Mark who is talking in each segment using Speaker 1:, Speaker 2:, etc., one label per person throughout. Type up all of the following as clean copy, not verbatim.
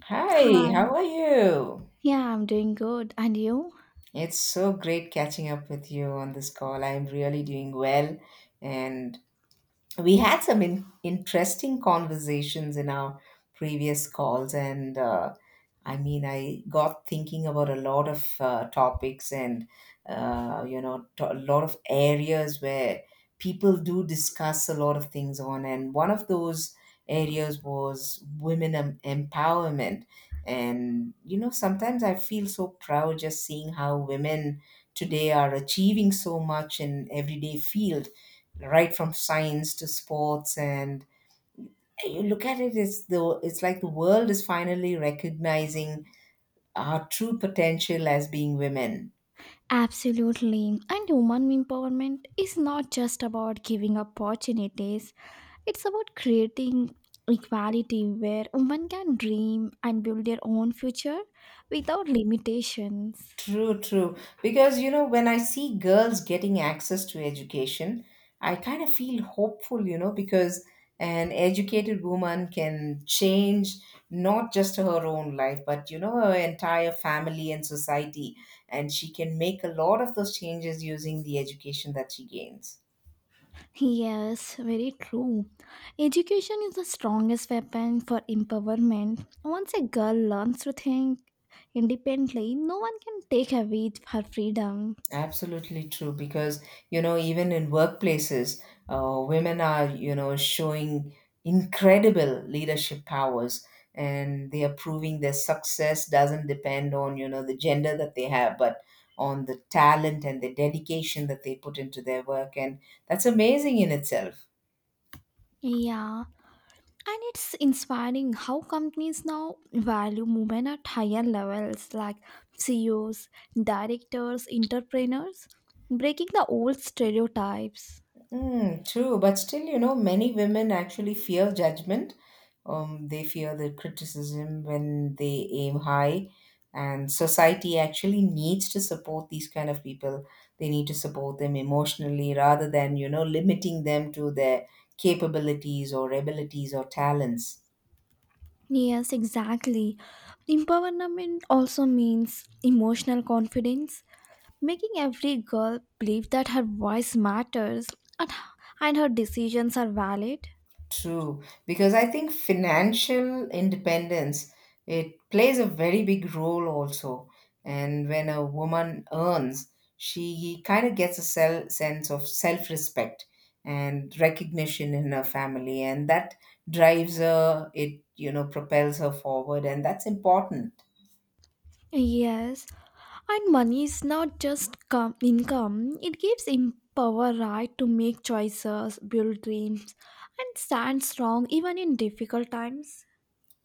Speaker 1: Hi, how
Speaker 2: Hi.
Speaker 1: are you?
Speaker 2: Yeah, I'm doing good. And you?
Speaker 1: It's so great catching up with you on this call. I'm really doing well, and we had interesting conversations in our previous calls and I got thinking about a lot of topics and a lot of areas where people do discuss a lot of things on, and one of those areas was empowerment. And you know, sometimes I feel so proud just seeing how women today are achieving so much in everyday field, right from science to sports. And you look at it, it's like the world is finally recognizing our true potential as being women.
Speaker 2: Absolutely. And woman empowerment is not just about giving opportunities, it's about creating equality where women can dream and build their own future without limitations.
Speaker 1: True, true. Because you know, when I see girls getting access to education, I kind of feel hopeful, you know, because an educated woman can change not just her own life but, you know, her entire family and society, and she can make a lot of those changes using the education that she gains.
Speaker 2: Yes, very true. Education is the strongest weapon for empowerment. Once a girl learns to think independently, no one can take away her freedom.
Speaker 1: Absolutely true, because you know, even in workplaces, women are, you know, showing incredible leadership powers, and they are proving their success doesn't depend on, you know, the gender that they have, but on the talent and the dedication that they put into their work, and that's amazing in itself.
Speaker 2: Yeah. And it's inspiring how companies now value women at higher levels like CEOs, directors, entrepreneurs, breaking the old stereotypes.
Speaker 1: True, but still, you know, many women actually fear judgment. They fear the criticism when they aim high, and society actually needs to support these kind of people. They need to support them emotionally rather than, you know, limiting them to their capabilities or abilities or talents.
Speaker 2: Yes, exactly. Empowerment also means emotional confidence, making every girl believe that her voice matters and her decisions are valid.
Speaker 1: True, because I think financial independence, it plays a very big role also. And when a woman earns, she kind of gets a sense of self-respect and recognition in her family, and that drives her. It, you know, propels her forward, and that's important.
Speaker 2: Yes, and money is not just income, it gives him power, right, to make choices, build dreams, and stand strong even in difficult times.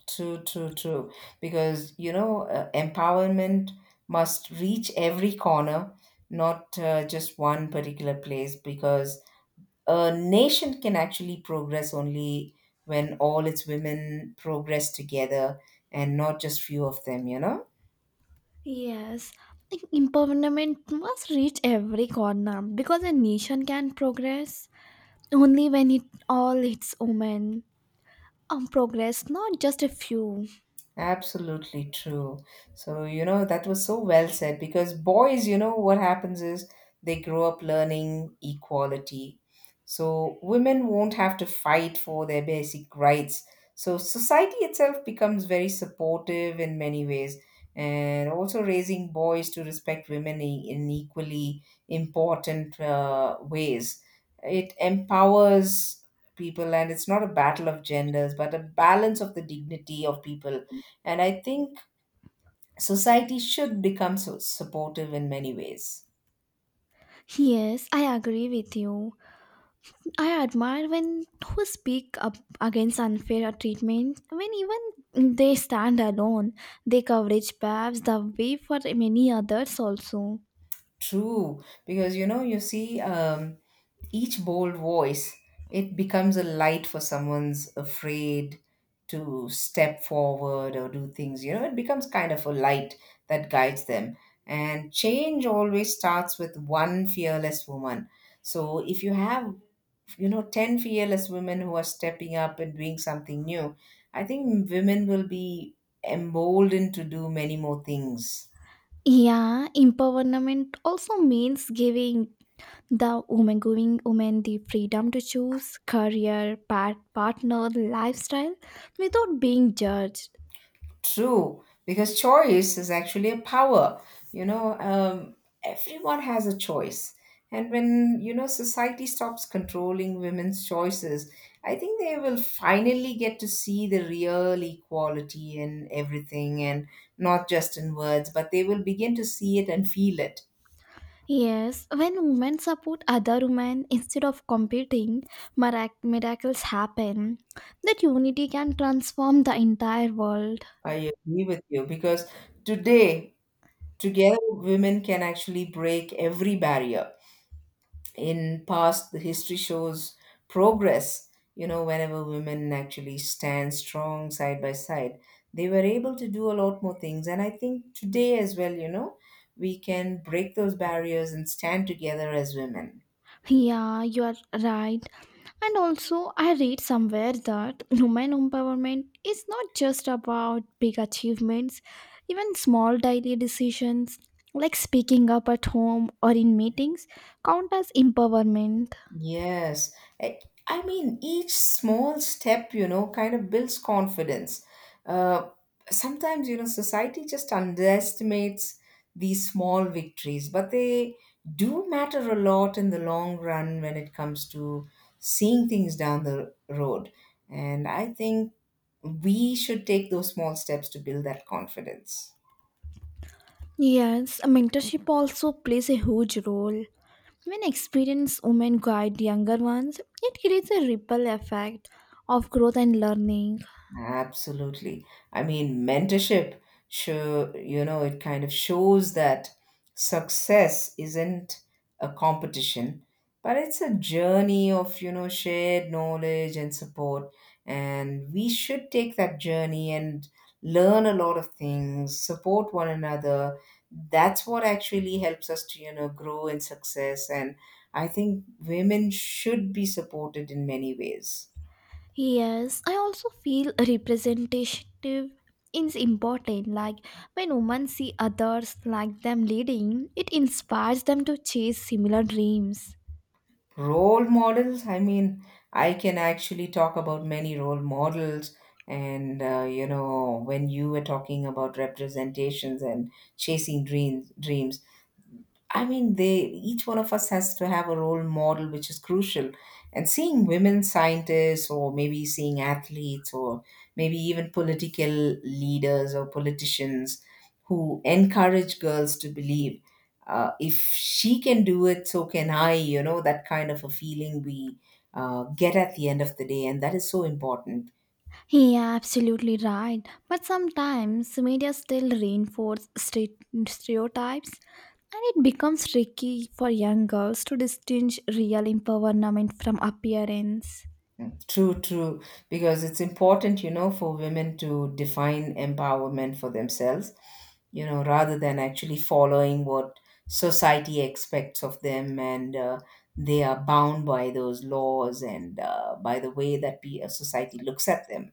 Speaker 1: True, true, true. Because, you know, empowerment must reach every corner, not just one particular place, because a nation can actually progress only when all its women progress together and not just few of them, you know.
Speaker 2: Yes, I think empowerment must reach every corner because a nation can progress only when it all its women progress, not just a few.
Speaker 1: Absolutely true. So, you know, that was so well said, because boys, you know, what happens is they grow up learning equality. So, women won't have to fight for their basic rights. So, society itself becomes very supportive in many ways. And also raising boys to respect women in equally important ways. It empowers people, and it's not a battle of genders, but a balance of the dignity of people. And I think society should become so supportive in many ways.
Speaker 2: Yes, I agree with you. I admire when who speak up against unfair treatment when even they stand alone. They coverage paves the way for many others also.
Speaker 1: True, because you know, you see, each bold voice, it becomes a light for someone's afraid to step forward or do things. You know, it becomes kind of a light that guides them. And change always starts with one fearless woman. So if you have, you know, 10 fearless women who are stepping up and doing something new, I think women will be emboldened to do many more things.
Speaker 2: Yeah, empowerment also means giving women the freedom to choose career, partner, lifestyle without being judged.
Speaker 1: True, because choice is actually a power, you know. Everyone has a choice. And when, you know, society stops controlling women's choices, I think they will finally get to see the real equality in everything, and not just in words, but they will begin to see it and feel it.
Speaker 2: Yes, when women support other women instead of competing, miracles happen. That unity can transform the entire world.
Speaker 1: I agree with you, because today, together, women can actually break every barrier. In past, the history shows progress. You know, whenever women actually stand strong side by side, they were able to do a lot more things. And I think today as well, you know, we can break those barriers and stand together as women.
Speaker 2: Yeah, you are right. And also, I read somewhere that women empowerment is not just about big achievements, even small daily decisions like speaking up at home or in meetings count as empowerment.
Speaker 1: Yes. I I mean, each small step, you know, kind of builds confidence. Uh, Sometimes, you know, society just underestimates these small victories, but they do matter a lot in the long run when it comes to seeing things down the road. And I think we should take those small steps to build that confidence.
Speaker 2: Yes, mentorship also plays a huge role. When experienced women guide younger ones, it creates a ripple effect of growth and learning.
Speaker 1: Absolutely. I mean, mentorship show, you know, it kind of shows that success isn't a competition, but it's a journey of, you know, shared knowledge and support. And we should take that journey and learn a lot of things, support one another. That's what actually helps us to, you know, grow in success. And I think women should be supported in many ways.
Speaker 2: Yes, I also feel representative is important. Like when women see others like them leading, it inspires them to chase similar dreams.
Speaker 1: Role models, I mean, I can actually talk about many role models. And, you know, when you were talking about representations and chasing dreams, I mean, they each one of us has to have a role model, which is crucial. And seeing women scientists, or maybe seeing athletes, or maybe even political leaders or politicians who encourage girls to believe, if she can do it, so can I. You know, that kind of a feeling we get at the end of the day, and that is so important.
Speaker 2: Yeah, absolutely right. But sometimes media still reinforce stereotypes, and it becomes tricky for young girls to distinguish real empowerment from appearance.
Speaker 1: True, true. Because it's important, you know, for women to define empowerment for themselves, you know, rather than actually following what society expects of them. And they are bound by those laws, and by the way that society looks at them.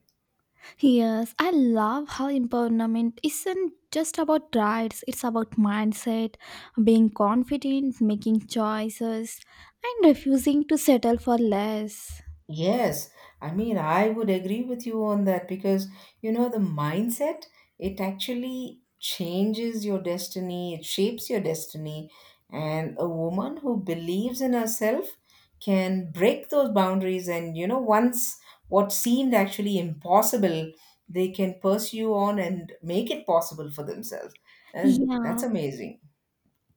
Speaker 2: Yes, I love how empowerment isn't just about rights, it's about mindset, being confident, making choices, and refusing to settle for less.
Speaker 1: Yes, I mean, I would agree with you on that, because, you know, the mindset, it actually changes your destiny, it shapes your destiny. And a woman who believes in herself can break those boundaries. And, you know, once what seemed actually impossible, they can pursue on and make it possible for themselves. And that's
Speaker 2: Yeah.
Speaker 1: amazing.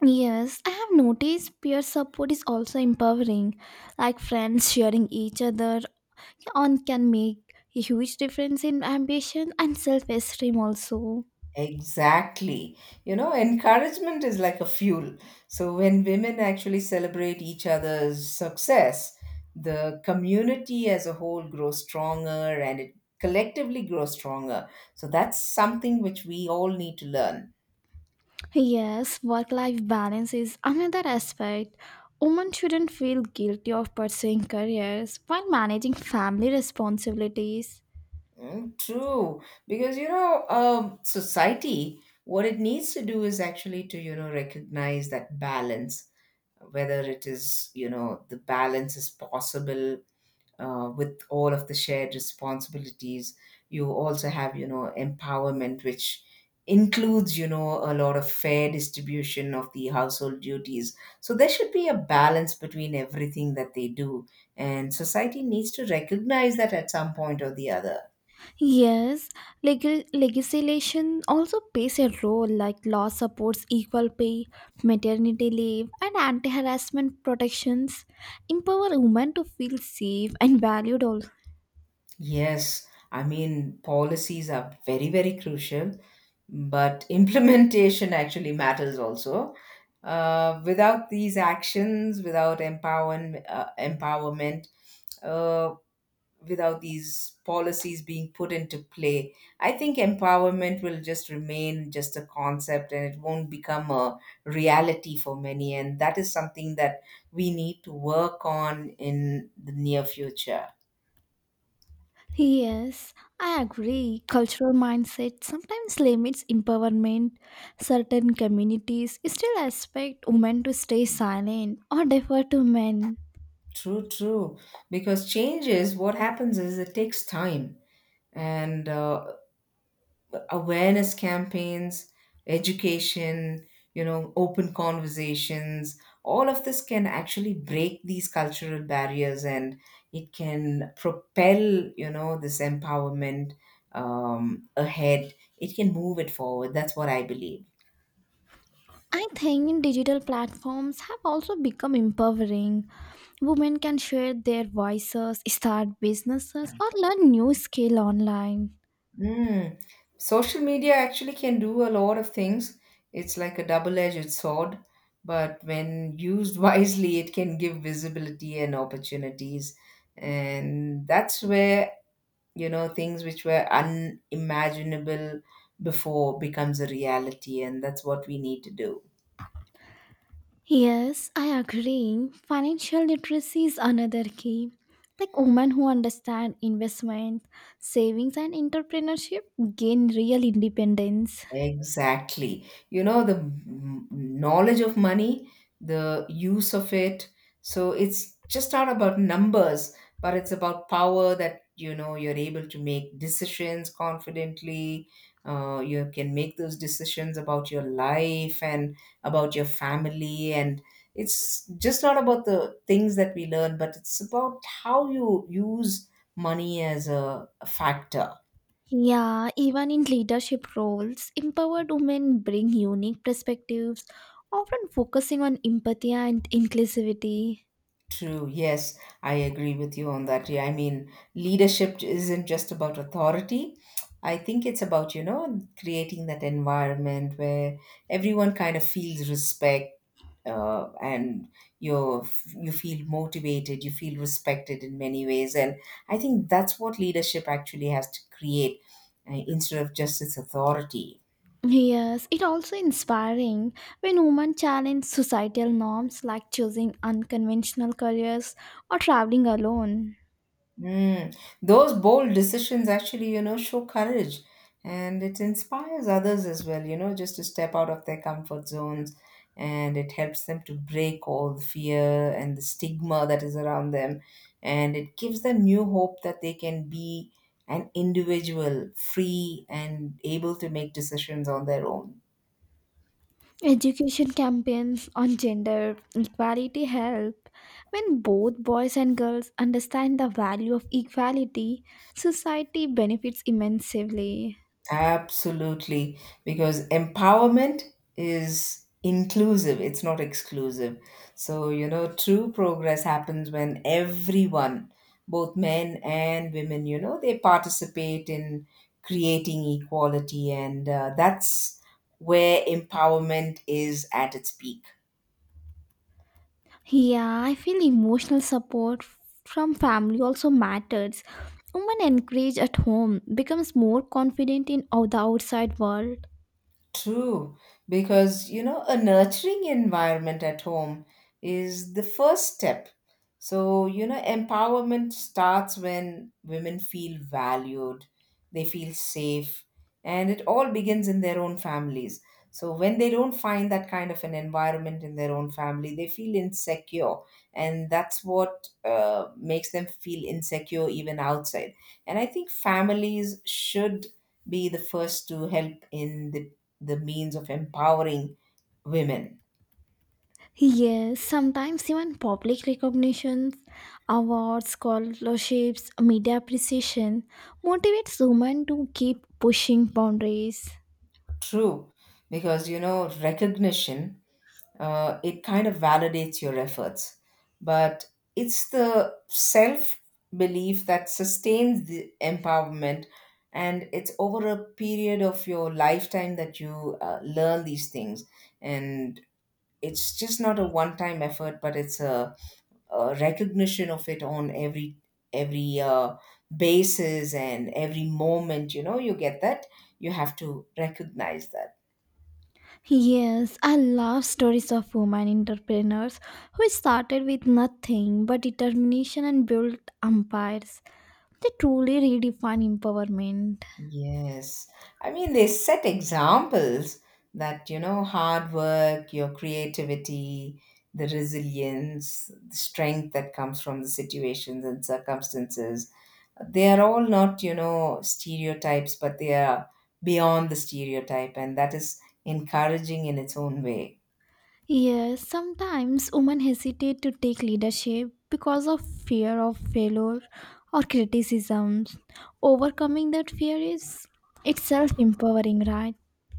Speaker 2: Yes, I have noticed peer support is also empowering. Like friends sharing each other on can make a huge difference in ambition and self-esteem also.
Speaker 1: Exactly. You know, encouragement is like a fuel. So when women actually celebrate each other's success, the community as a whole grows stronger, and it collectively grows stronger. So that's something which we all need to learn.
Speaker 2: Yes, work life balance is another aspect. Women shouldn't feel guilty of pursuing careers while managing family responsibilities.
Speaker 1: True. Because, you know, society, what it needs to do is actually to, you know, recognize that balance, whether it is, you know, the balance is possible with all of the shared responsibilities. You also have, you know, empowerment which includes, you know, a lot of fair distribution of the household duties, so there should be a balance between everything that they do, and society needs to recognize that at some point or the other.
Speaker 2: Yes, legal legislation also plays a role like law supports equal pay, maternity leave, and anti-harassment protections, empower women to feel safe and valued.
Speaker 1: Yes, I mean, policies are very, very crucial, but implementation actually matters also. Without these actions, without empowerment, empowerment, uh, without these policies being put into play, I think empowerment will just remain just a concept, and it won't become a reality for many. And that is something that we need to work on in the near future.
Speaker 2: Yes, I agree. Cultural mindset sometimes limits empowerment. Certain communities still expect women to stay silent or defer to men.
Speaker 1: True, true. Because changes, what happens is it takes time. And awareness campaigns, education, you know, open conversations, all of this can actually break these cultural barriers, and it can propel, you know, this empowerment ahead. It can move it forward. That's what I believe.
Speaker 2: I think digital platforms have also become empowering. Women can share their voices, start businesses, or learn new skill online.
Speaker 1: Mm. Social media actually can do a lot of things. It's like a double-edged sword, but when used wisely, it can give visibility and opportunities. And that's where, you know, things which were unimaginable before becomes a reality, and that's what we need to do.
Speaker 2: Yes, I agree. Financial literacy is another key. Like women who understand investment, savings, and entrepreneurship gain real independence.
Speaker 1: Exactly. You know, the knowledge of money, the use of it. So it's just not about numbers, but it's about power that, you know, you're able to make decisions confidently. You can make those decisions about your life and about your family. And it's just not about the things that we learn, but it's about how you use money as a factor.
Speaker 2: Yeah, even in leadership roles, empowered women bring unique perspectives, often focusing on empathy and inclusivity.
Speaker 1: True. Yes, I agree with you on that. Yeah, I mean, leadership isn't just about authority. I think it's about, you know, creating that environment where everyone kind of feels respect and you're, you feel motivated, you feel respected in many ways. And I think that's what leadership actually has to create instead of just its authority.
Speaker 2: Yes, it also inspiring when women challenge societal norms like choosing unconventional careers or traveling alone.
Speaker 1: Mm. Those bold decisions actually, you know, show courage, and it inspires others as well, you know, just to step out of their comfort zones, and it helps them to break all the fear and the stigma that is around them. And it gives them new hope that they can be an individual, free and able to make decisions on their own.
Speaker 2: Education campaigns on gender equality help. When both boys and girls understand the value of equality, society benefits immensely.
Speaker 1: Absolutely, because empowerment is inclusive, it's not exclusive. So, you know, true progress happens when everyone, both men and women, you know, they participate in creating equality, and that's where empowerment is at its peak.
Speaker 2: Yeah, I feel emotional support from family also matters. Women encouraged at home becomes more confident in the outside world.
Speaker 1: True, because you know, a nurturing environment at home is the first step. So, you know, empowerment starts when women feel valued, they feel safe, and it all begins in their own families. So, when they don't find that kind of an environment in their own family, they feel insecure, and that's what makes them feel insecure even outside. And I think families should be the first to help in the means of empowering women.
Speaker 2: Yes, sometimes even public recognitions, awards, scholarships, media appreciation motivates women to keep pushing boundaries.
Speaker 1: True, because you know recognition it kind of validates your efforts, but it's the self belief that sustains the empowerment, and it's over a period of your lifetime that you learn these things, and it's just not a one time effort, but it's a recognition of it on every every basis and every moment you know you get that you have to recognize that.
Speaker 2: Yes, I love stories of women entrepreneurs who started with nothing but determination and built empires. They truly redefine empowerment.
Speaker 1: Yes, I mean they set examples that you know hard work, your creativity, the resilience, the strength that comes from the situations and circumstances, they are all not you know stereotypes, but they are beyond the stereotype, and that is encouraging in its own way.
Speaker 2: Yes, sometimes women hesitate to take leadership because of fear of failure or criticisms. Overcoming that fear is itself empowering, right?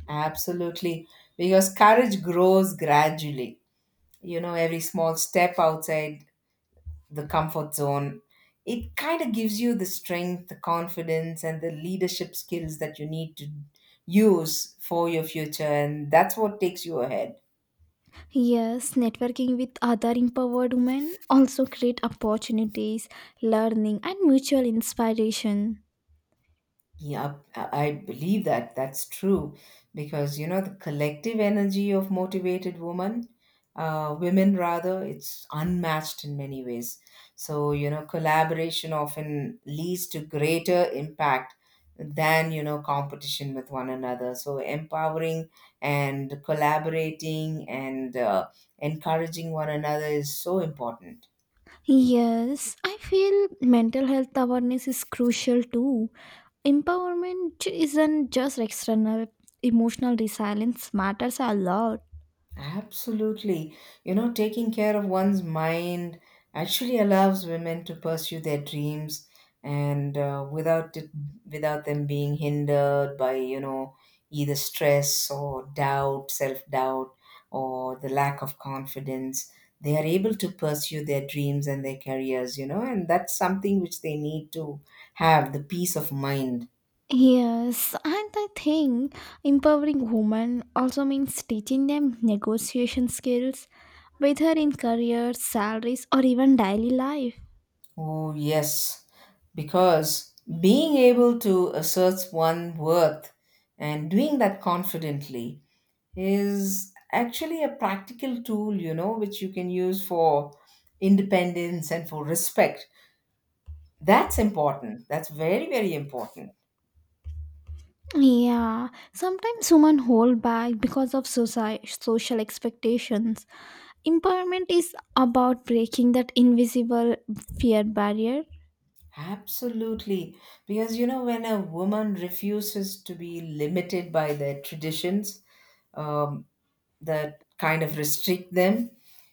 Speaker 1: Absolutely. Because courage grows gradually. You know, every small step outside the comfort zone, it kind of gives you the strength, the confidence, and the leadership skills that you need to use for your future. And that's what takes you ahead.
Speaker 2: Yes, networking with other empowered women also create opportunities, learning and mutual inspiration.
Speaker 1: Yeah, I believe that that's true because you know the collective energy of motivated women, women rather, it's unmatched in many ways. So you know collaboration often leads to greater impact than you know competition with one another. So empowering and collaborating and encouraging one another is so important.
Speaker 2: Yes, I feel mental health awareness is crucial too. Empowerment isn't just external. Emotional resilience matters a lot.
Speaker 1: Absolutely. You know, taking care of one's mind actually allows women to pursue their dreams, and without it, without them being hindered by, you know, either stress or doubt, self-doubt, or the lack of confidence. They are able to pursue their dreams and their careers, you know, and that's something which they need to have the peace of mind.
Speaker 2: Yes, and I think empowering women also means teaching them negotiation skills, whether in careers, salaries, or even daily life.
Speaker 1: Oh, yes, because being able to assert one's worth and doing that confidently is actually a practical tool, you know, which you can use for independence and for respect. That's important. That's very, very important.
Speaker 2: Yeah, sometimes women hold back because of social expectations. Empowerment is about breaking that invisible fear barrier.
Speaker 1: Absolutely. Because, you know, when a woman refuses to be limited by their traditions, um, that kind of restrict them,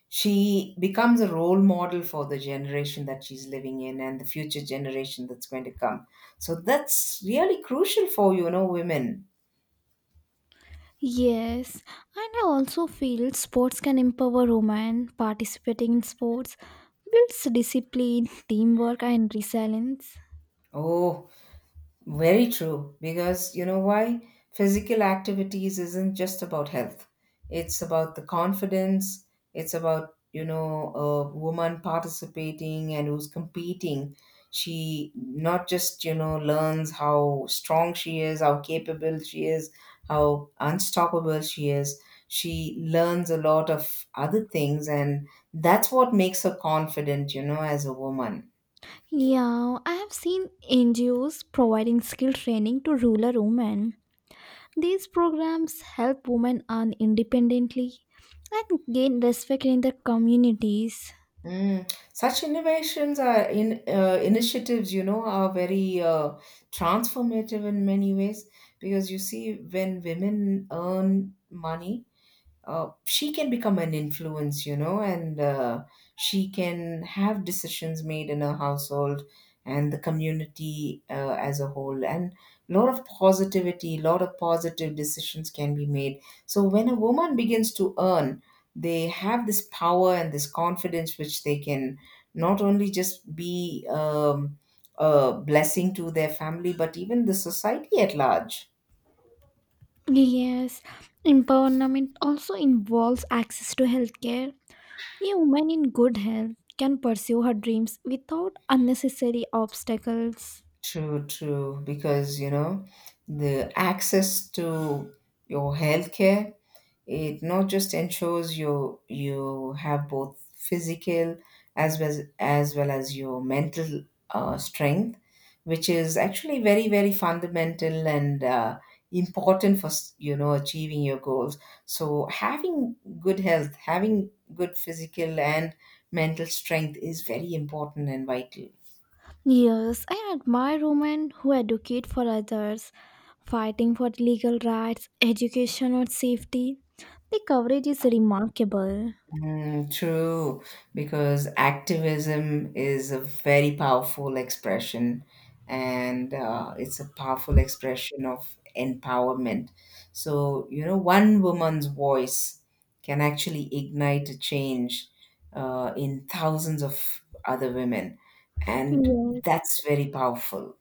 Speaker 1: she becomes a role model for the generation that she's living in and the future generation that's going to come. So that's really crucial for you know women.
Speaker 2: Yes, and I also feel sports can empower women. Participating in sports builds discipline, teamwork, and resilience.
Speaker 1: Oh, very true, because you know why? Physical activities isn't just about health. It's about the confidence. It's about, you know, a woman participating and who's competing. She not just, you know, learns how strong she is, how capable she is, how unstoppable she is. She learns a lot of other things, and that's what makes her confident, you know, as a woman.
Speaker 2: Yeah, I have seen NGOs providing skill training to rural women. These programs help women earn independently and gain respect in their communities.
Speaker 1: Mm. Such innovations are in initiatives, you know, are very transformative in many ways, because you see, when women earn money, she can become an influence, you know, and she can have decisions made in her household and the community as a whole. And a lot of positivity, a lot of positive decisions can be made. So when a woman begins to earn, they have this power and this confidence which they can not only just be a blessing to their family, but even the society at large.
Speaker 2: Yes, empowerment also involves access to healthcare. A woman in good health can pursue her dreams without unnecessary obstacles.
Speaker 1: True, true. Because, you know, the access to your healthcare, it not just ensures you have both physical as well as well as your mental strength, which is actually very, very fundamental and important for, you know, achieving your goals. So having good health, having good physical and mental strength is very important and vital.
Speaker 2: Yes, I admire women who advocate for others, fighting for legal rights, education, or safety. The coverage is remarkable.
Speaker 1: Mm, true, because activism is a very powerful expression, and it's a powerful expression of empowerment. So, you know, one woman's voice can actually ignite a change in thousands of other women, and
Speaker 2: Yes,
Speaker 1: that's very powerful.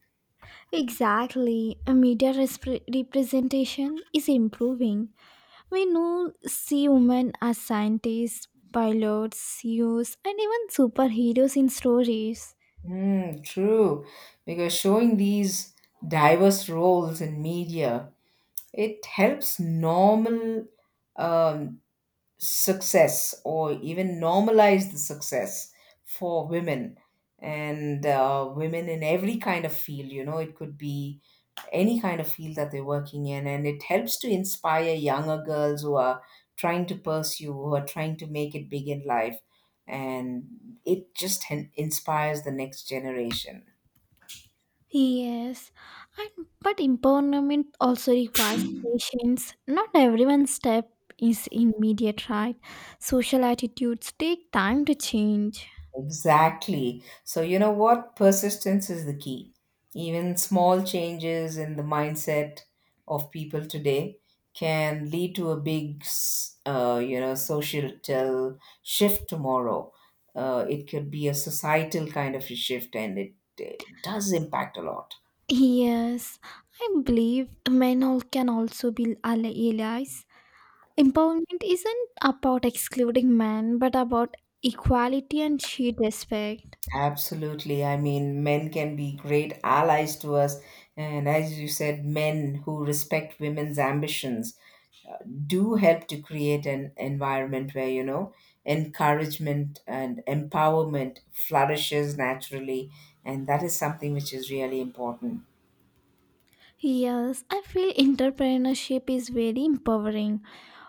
Speaker 2: exactly. A media representation is improving. We now see women as scientists, pilots, CEOs, and even superheroes in stories.
Speaker 1: Mm, true, because showing these diverse roles in media, it helps normal um, success or even normalize the success for women and women in every kind of field. You know, it could be any kind of field that they're working in, and it helps to inspire younger girls who are trying to pursue, who are trying to make it big in life. And it just inspires the next generation.
Speaker 2: Yes, and but empowerment also requires patience. Not everyone's step is immediate, right? Social attitudes take time to change.
Speaker 1: Exactly. So, you know what? Persistence is the key. Even small changes in the mindset of people today can lead to a big, you know, societal shift tomorrow. It could be a societal kind of a shift, and it does impact a lot.
Speaker 2: Yes, I believe men all can also be allies. Empowerment isn't about excluding men, but about equality and shared respect.
Speaker 1: Absolutely. I mean, men can be great allies to us. And as you said, men who respect women's ambitions do help to create an environment where you know encouragement and empowerment flourishes naturally, and that is something which is really important.
Speaker 2: Yes, I feel entrepreneurship is very empowering.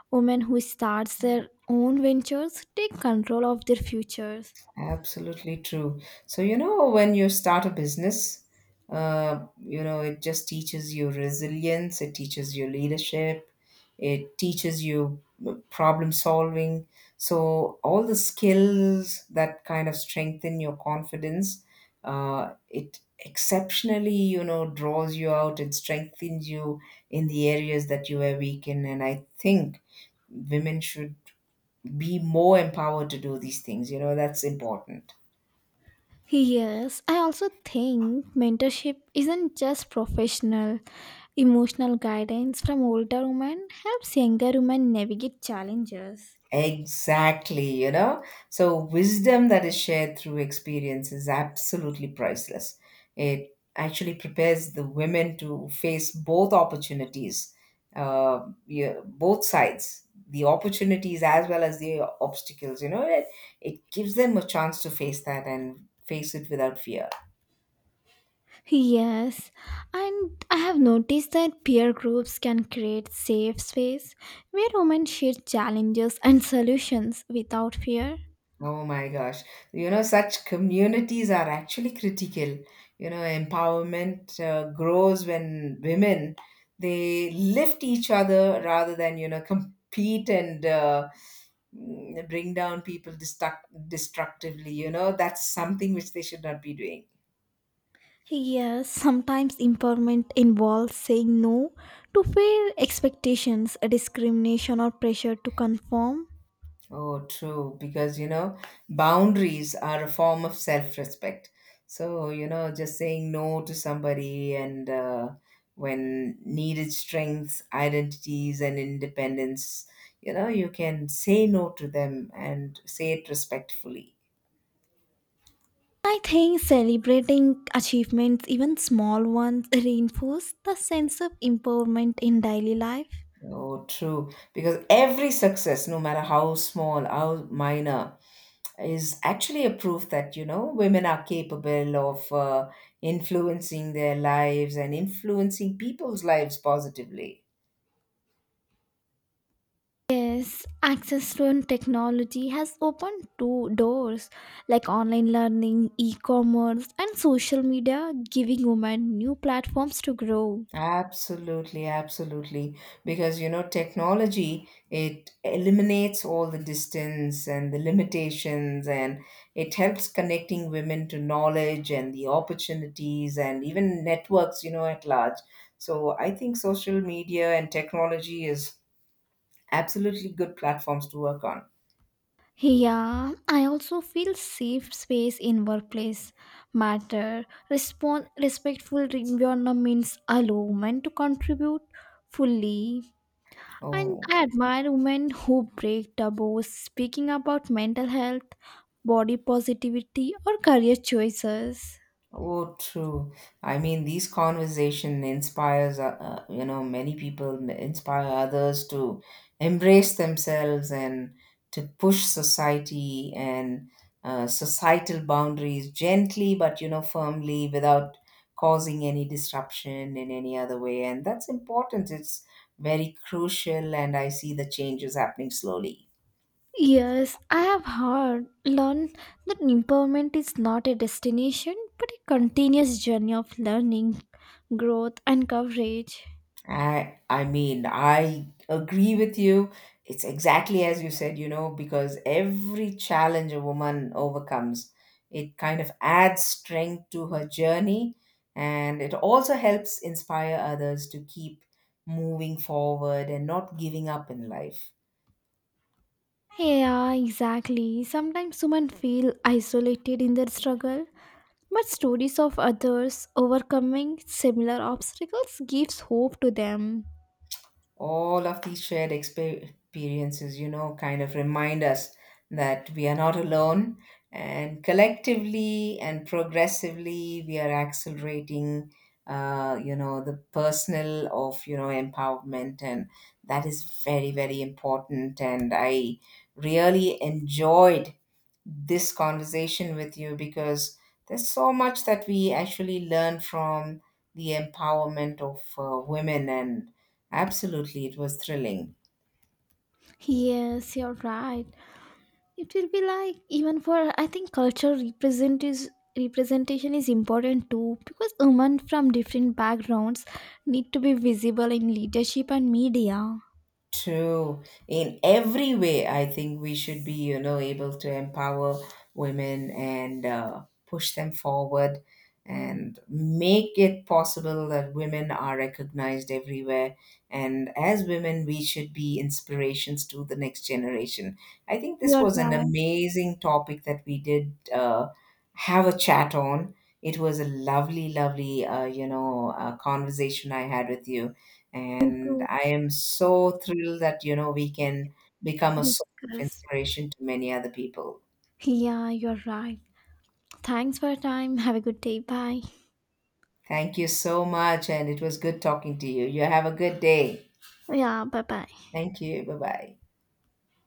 Speaker 2: Women who start their own ventures take control of their futures.
Speaker 1: Absolutely true. So, you know, when you start a business, you know, it just teaches you resilience, it teaches you leadership, it teaches you problem solving. So, all the skills that kind of strengthen your confidence, it exceptionally, you know, draws you out, it strengthens you in the areas that you were weak in. And I think women should be more empowered to do these things, you know, that's important.
Speaker 2: Yes, I also think mentorship isn't just professional. Emotional guidance from older women helps younger women navigate challenges.
Speaker 1: Exactly, you know. So, wisdom that is shared through experience is absolutely priceless. It actually prepares the women to face both opportunities, yeah, both sides, the opportunities as well as the obstacles, you know. It gives them a chance to face that and face it without fear.
Speaker 2: Yes, and I have noticed that peer groups can create safe space where women share challenges and solutions without fear.
Speaker 1: Oh my gosh. You know, such communities are actually critical. You know, empowerment grows when women, they lift each other rather than, you know, compete and bring down people destructively. You know, that's something which they should not be doing.
Speaker 2: Yes, sometimes empowerment involves saying no to fear expectations, discrimination, or pressure to conform.
Speaker 1: Oh, true. Because, you know, boundaries are a form of self-respect. So, you know, just saying no to somebody and when needed strengths, identities, and independence, you know, you can say no to them and say it respectfully.
Speaker 2: I think celebrating achievements, even small ones, reinforce the sense of empowerment in daily life.
Speaker 1: Oh, true. Because every success, no matter how small, how minor, is actually a proof that you know women are capable of influencing their lives and influencing people's lives positively.
Speaker 2: Yes, access to technology has opened two doors like online learning, e commerce, and social media, giving women new platforms to grow.
Speaker 1: Absolutely, absolutely, because you know technology, it eliminates all the distance and the limitations, and it helps connecting women to knowledge and the opportunities and even networks you know at large. So I think social media and technology is absolutely good platforms to work on.
Speaker 2: Yeah, I also feel safe space in workplace matter. Respon Respectful environments allow women to contribute fully. And
Speaker 1: Oh,
Speaker 2: I admire women who break taboos, speaking about mental health, body positivity, or career choices.
Speaker 1: oh, true. I mean, these conversation inspires, you know, many people, inspire others to embrace themselves and to push society and societal boundaries gently, but you know, firmly, without causing any disruption in any other way. And that's important. It's very crucial, and I see the changes happening slowly.
Speaker 2: Yes, I have heard, learned that empowerment is not a destination but a continuous journey of learning, growth, and coverage.
Speaker 1: I mean, I agree with you. It's exactly as you said, you know, because every challenge a woman overcomes, it kind of adds strength to her journey, and it also helps inspire others to keep moving forward and not giving up in life.
Speaker 2: Yeah, exactly. Sometimes women feel isolated in their struggle, but stories of others overcoming similar obstacles gives hope to them.
Speaker 1: All of these shared experiences, you know, kind of remind us that we are not alone. And collectively and progressively, we are accelerating, you know, the personal of, you know, empowerment. And that is very, very important. And I really enjoyed this conversation with you because there's so much that we actually learn from the empowerment of women, and absolutely, it was thrilling.
Speaker 2: Yes, you're right. It will be like even for I think cultural represent is representation is important too because women from different backgrounds need to be visible in leadership and media.
Speaker 1: True. In every way, I think we should be, you know, able to empower women and push them forward and make it possible that women are recognized everywhere. And as women, we should be inspirations to the next generation. I think this
Speaker 2: You're
Speaker 1: was an
Speaker 2: right.
Speaker 1: amazing topic that we did have a chat on. It was a lovely, lovely, you know, conversation I had with you,
Speaker 2: Need
Speaker 1: and
Speaker 2: to
Speaker 1: I am so thrilled that you know we can become a source of
Speaker 2: discuss.
Speaker 1: inspiration to many other people.
Speaker 2: Yeah, you're right. Thanks for your time. Have a good day. Bye.
Speaker 1: Thank you so much, and it was good talking to you. You have a good day.
Speaker 2: Yeah, bye bye.
Speaker 1: Thank you. Bye bye.